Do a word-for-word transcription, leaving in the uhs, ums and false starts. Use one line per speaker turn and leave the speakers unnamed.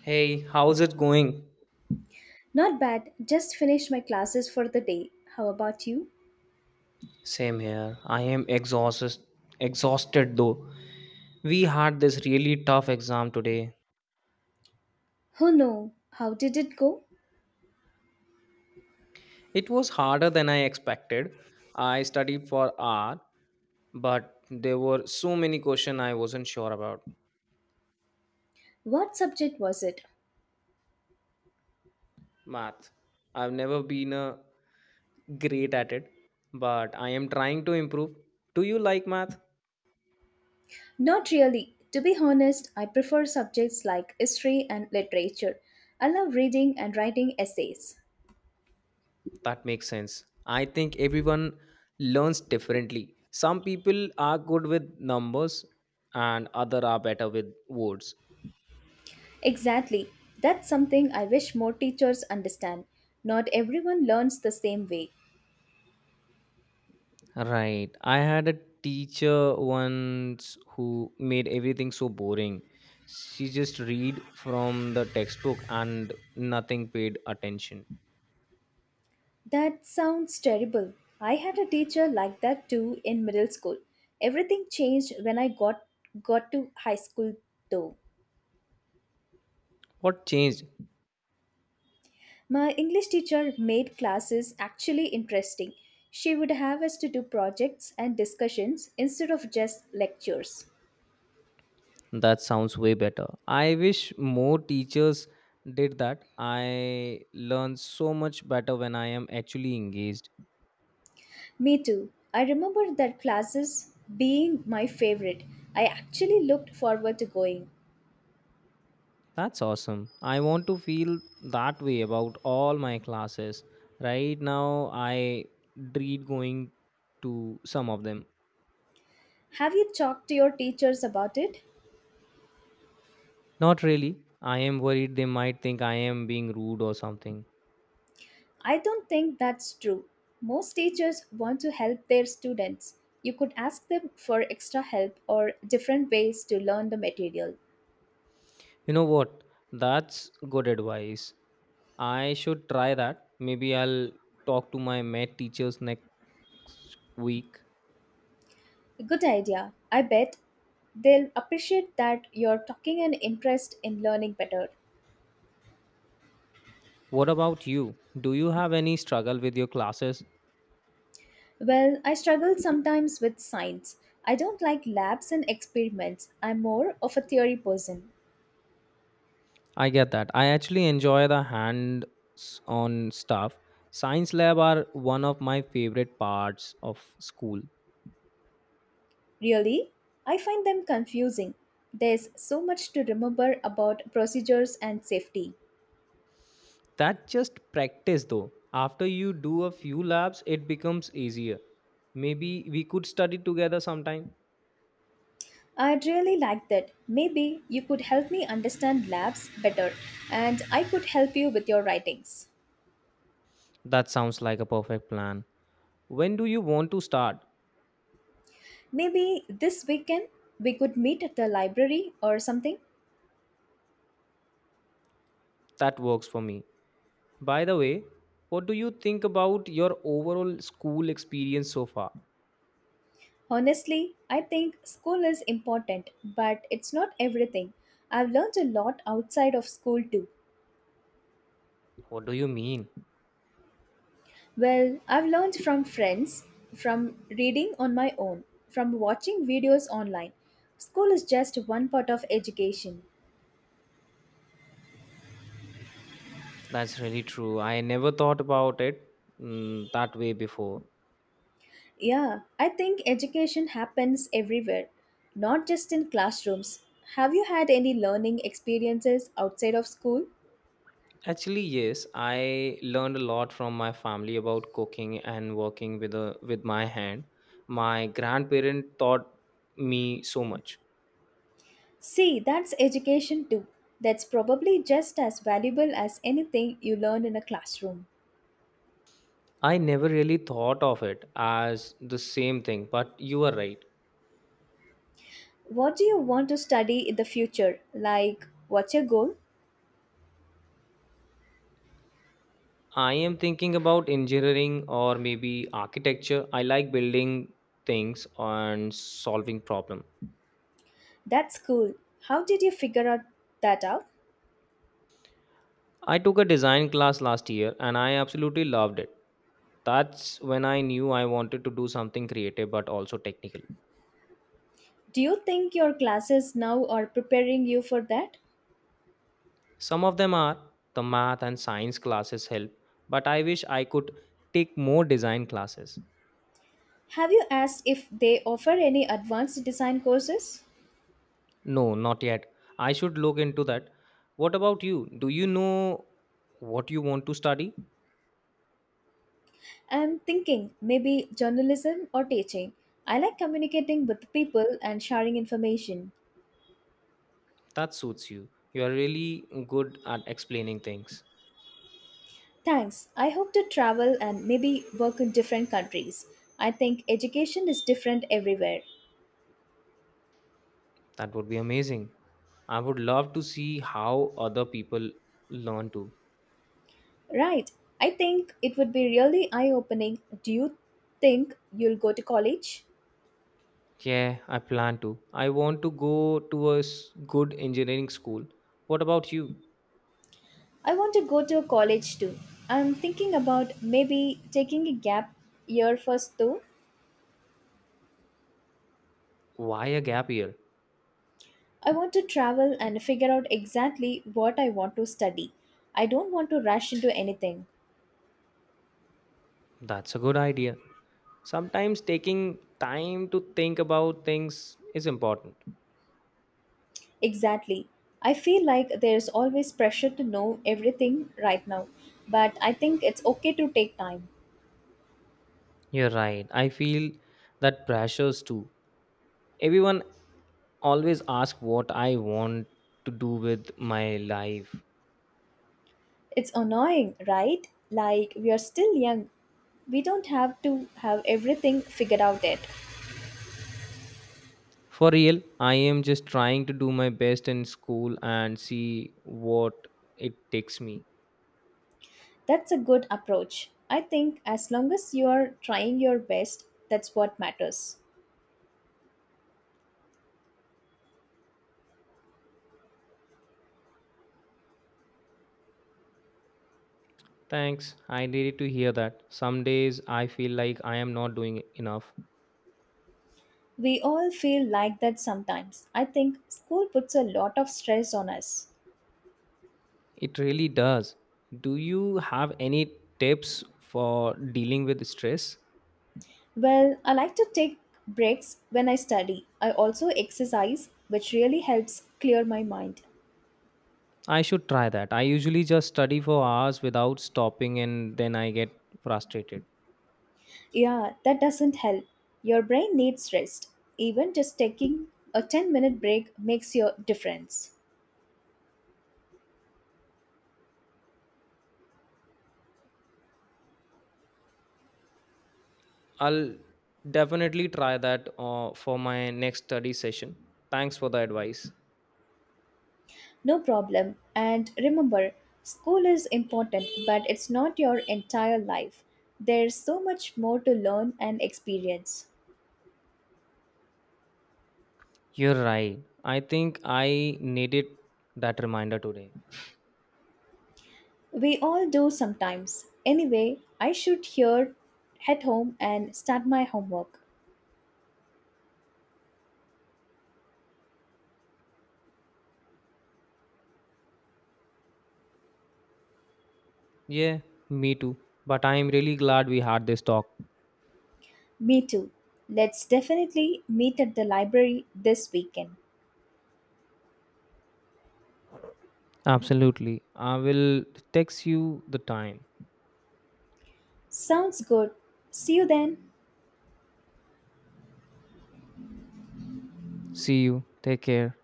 Hey, how's it going?
Not bad, just finished my classes for the day. How about you?
Same here. I am exhausted exhausted though. We had this really tough exam today.
Oh no, how did it go?
It was harder than I expected. I studied for R, but there were so many questions I wasn't sure about.
What subject was it?
Math. I've never been a Great at it, but I am trying to improve. Do you like math?
Not really. To be honest, I prefer subjects like history and literature. I love reading and writing essays.
That makes sense. I think everyone learns differently. Some people are good with numbers and other are better with words.
Exactly. That's something I wish more teachers understand. Not everyone learns the same way.
Right. I had a teacher once who made everything so boring. She just read from the textbook and nothing paid attention.
That sounds terrible. I had a teacher like that too in middle school. Everything changed when I got got to high school though.
What changed?
My English teacher made classes actually interesting. She would have us to do projects and discussions instead of just lectures.
That sounds way better. I wish more teachers did that. I learn so much better when I am actually engaged.
Me too. I remember that classes being my favorite. I actually looked forward to going.
That's awesome. I want to feel that way about all my classes. Right now, I dread going to some of them.
Have you talked to your teachers about it?
Not really. I am worried they might think I am being rude or something.
I don't think that's true. Most teachers want to help their students. You could ask them for extra help or different ways to learn the material.
You know what? That's good advice. I should try that. Maybe I'll talk to my med teachers next week.
Good idea. I bet they'll appreciate that you're talking an interest in learning better.
What about you? Do you have any struggle with your classes?
Well, I struggle sometimes with science. I don't like labs and experiments. I'm more of a theory person.
I get that. I actually enjoy the hands on stuff. Science lab are one of my favorite parts of school.
Really? I find them confusing. There's so much to remember about procedures and safety.
That just practice though. After you do a few labs, it becomes easier. Maybe we could study together sometime.
I'd really like that. Maybe you could help me understand labs better and I could help you with your writings.
That sounds like a perfect plan. When do you want to start?
Maybe this weekend we could meet at the library or something.
That works for me. By the way, what do you think about your overall school experience so far?
Honestly, I think school is important, but it's not everything. I've learned a lot outside of school too.
What do you mean?
Well, I've learned from friends, from reading on my own, from watching videos online. School is just one part of education.
That's really true. I never thought about it mm, that way before.
Yeah, I think education happens everywhere, not just in classrooms. Have you had any learning experiences outside of school?
Actually, yes, I learned a lot from my family about cooking and working with a with my hand. My grandparent taught me so much.
See, that's education too. That's probably just as valuable as anything you learned in a classroom.
I never really thought of it as the same thing, but you are right.
What do you want to study in the future? Like, what's your goal?
I am thinking about engineering or maybe architecture. I like building things and solving problem.
That's cool. How did you figure out that out?
I took a design class last year and I absolutely loved it. That's when I knew I wanted to do something creative but also technical.
Do you think your classes now are preparing you for that?
Some of them are the math and science classes help, but I wish I could take more design classes.
Have you asked if they offer any advanced design courses?
No, not yet. I should look into that. What about you? Do you know what you want to study?
I'm thinking maybe journalism or teaching. I like communicating with people and sharing information.
That suits you. You are really good at explaining things.
Thanks. I hope to travel and maybe work in different countries. I think education is different everywhere.
That would be amazing. I would love to see how other people learn too.
Right. I think it would be really eye opening. Do you think you'll go to college?
Yeah, I plan to. I want to go to a s- good engineering school. What about you?
I want to go to a college too. I'm thinking about maybe taking a gap year first though.
Why a gap year?
I want to travel and figure out exactly what I want to study. I don't want to rush into anything.
That's a good idea. Sometimes taking time to think about things is important.
Exactly. I feel like there's always pressure to know everything right now, but I think it's okay to take time.
You're right. I feel that pressures too. Everyone always ask what I want to do with my life.
It's annoying, right? Like, we are still young. We don't have to have everything figured out yet.
For real, I am just trying to do my best in school and see what it takes me.
That's a good approach. I think as long as you are trying your best, that's what matters.
Thanks. I needed to hear that. Some days I feel like I am not doing enough.
We all feel like that sometimes. I think school puts a lot of stress on us.
It really does. Do you have any tips for dealing with stress?
Well, I like to take breaks when I study. I also exercise, which really helps clear my mind.
I should try that. I usually just study for hours without stopping and then I get frustrated.
Yeah, that doesn't help. Your brain needs rest. Even just taking a ten minute break makes your difference.
I'll definitely try that uh, for my next study session. Thanks for the advice.
No problem. And remember, school is important, but it's not your entire life. There's so much more to learn and experience.
You're right. I think I needed that reminder today.
We all do sometimes. Anyway, I should here head home and start my homework.
Yeah, me too. But I am really glad we had this talk.
Me too. Let's definitely meet at the library this weekend.
Absolutely. I will text you the time.
Sounds good. See you then.
See you. Take care.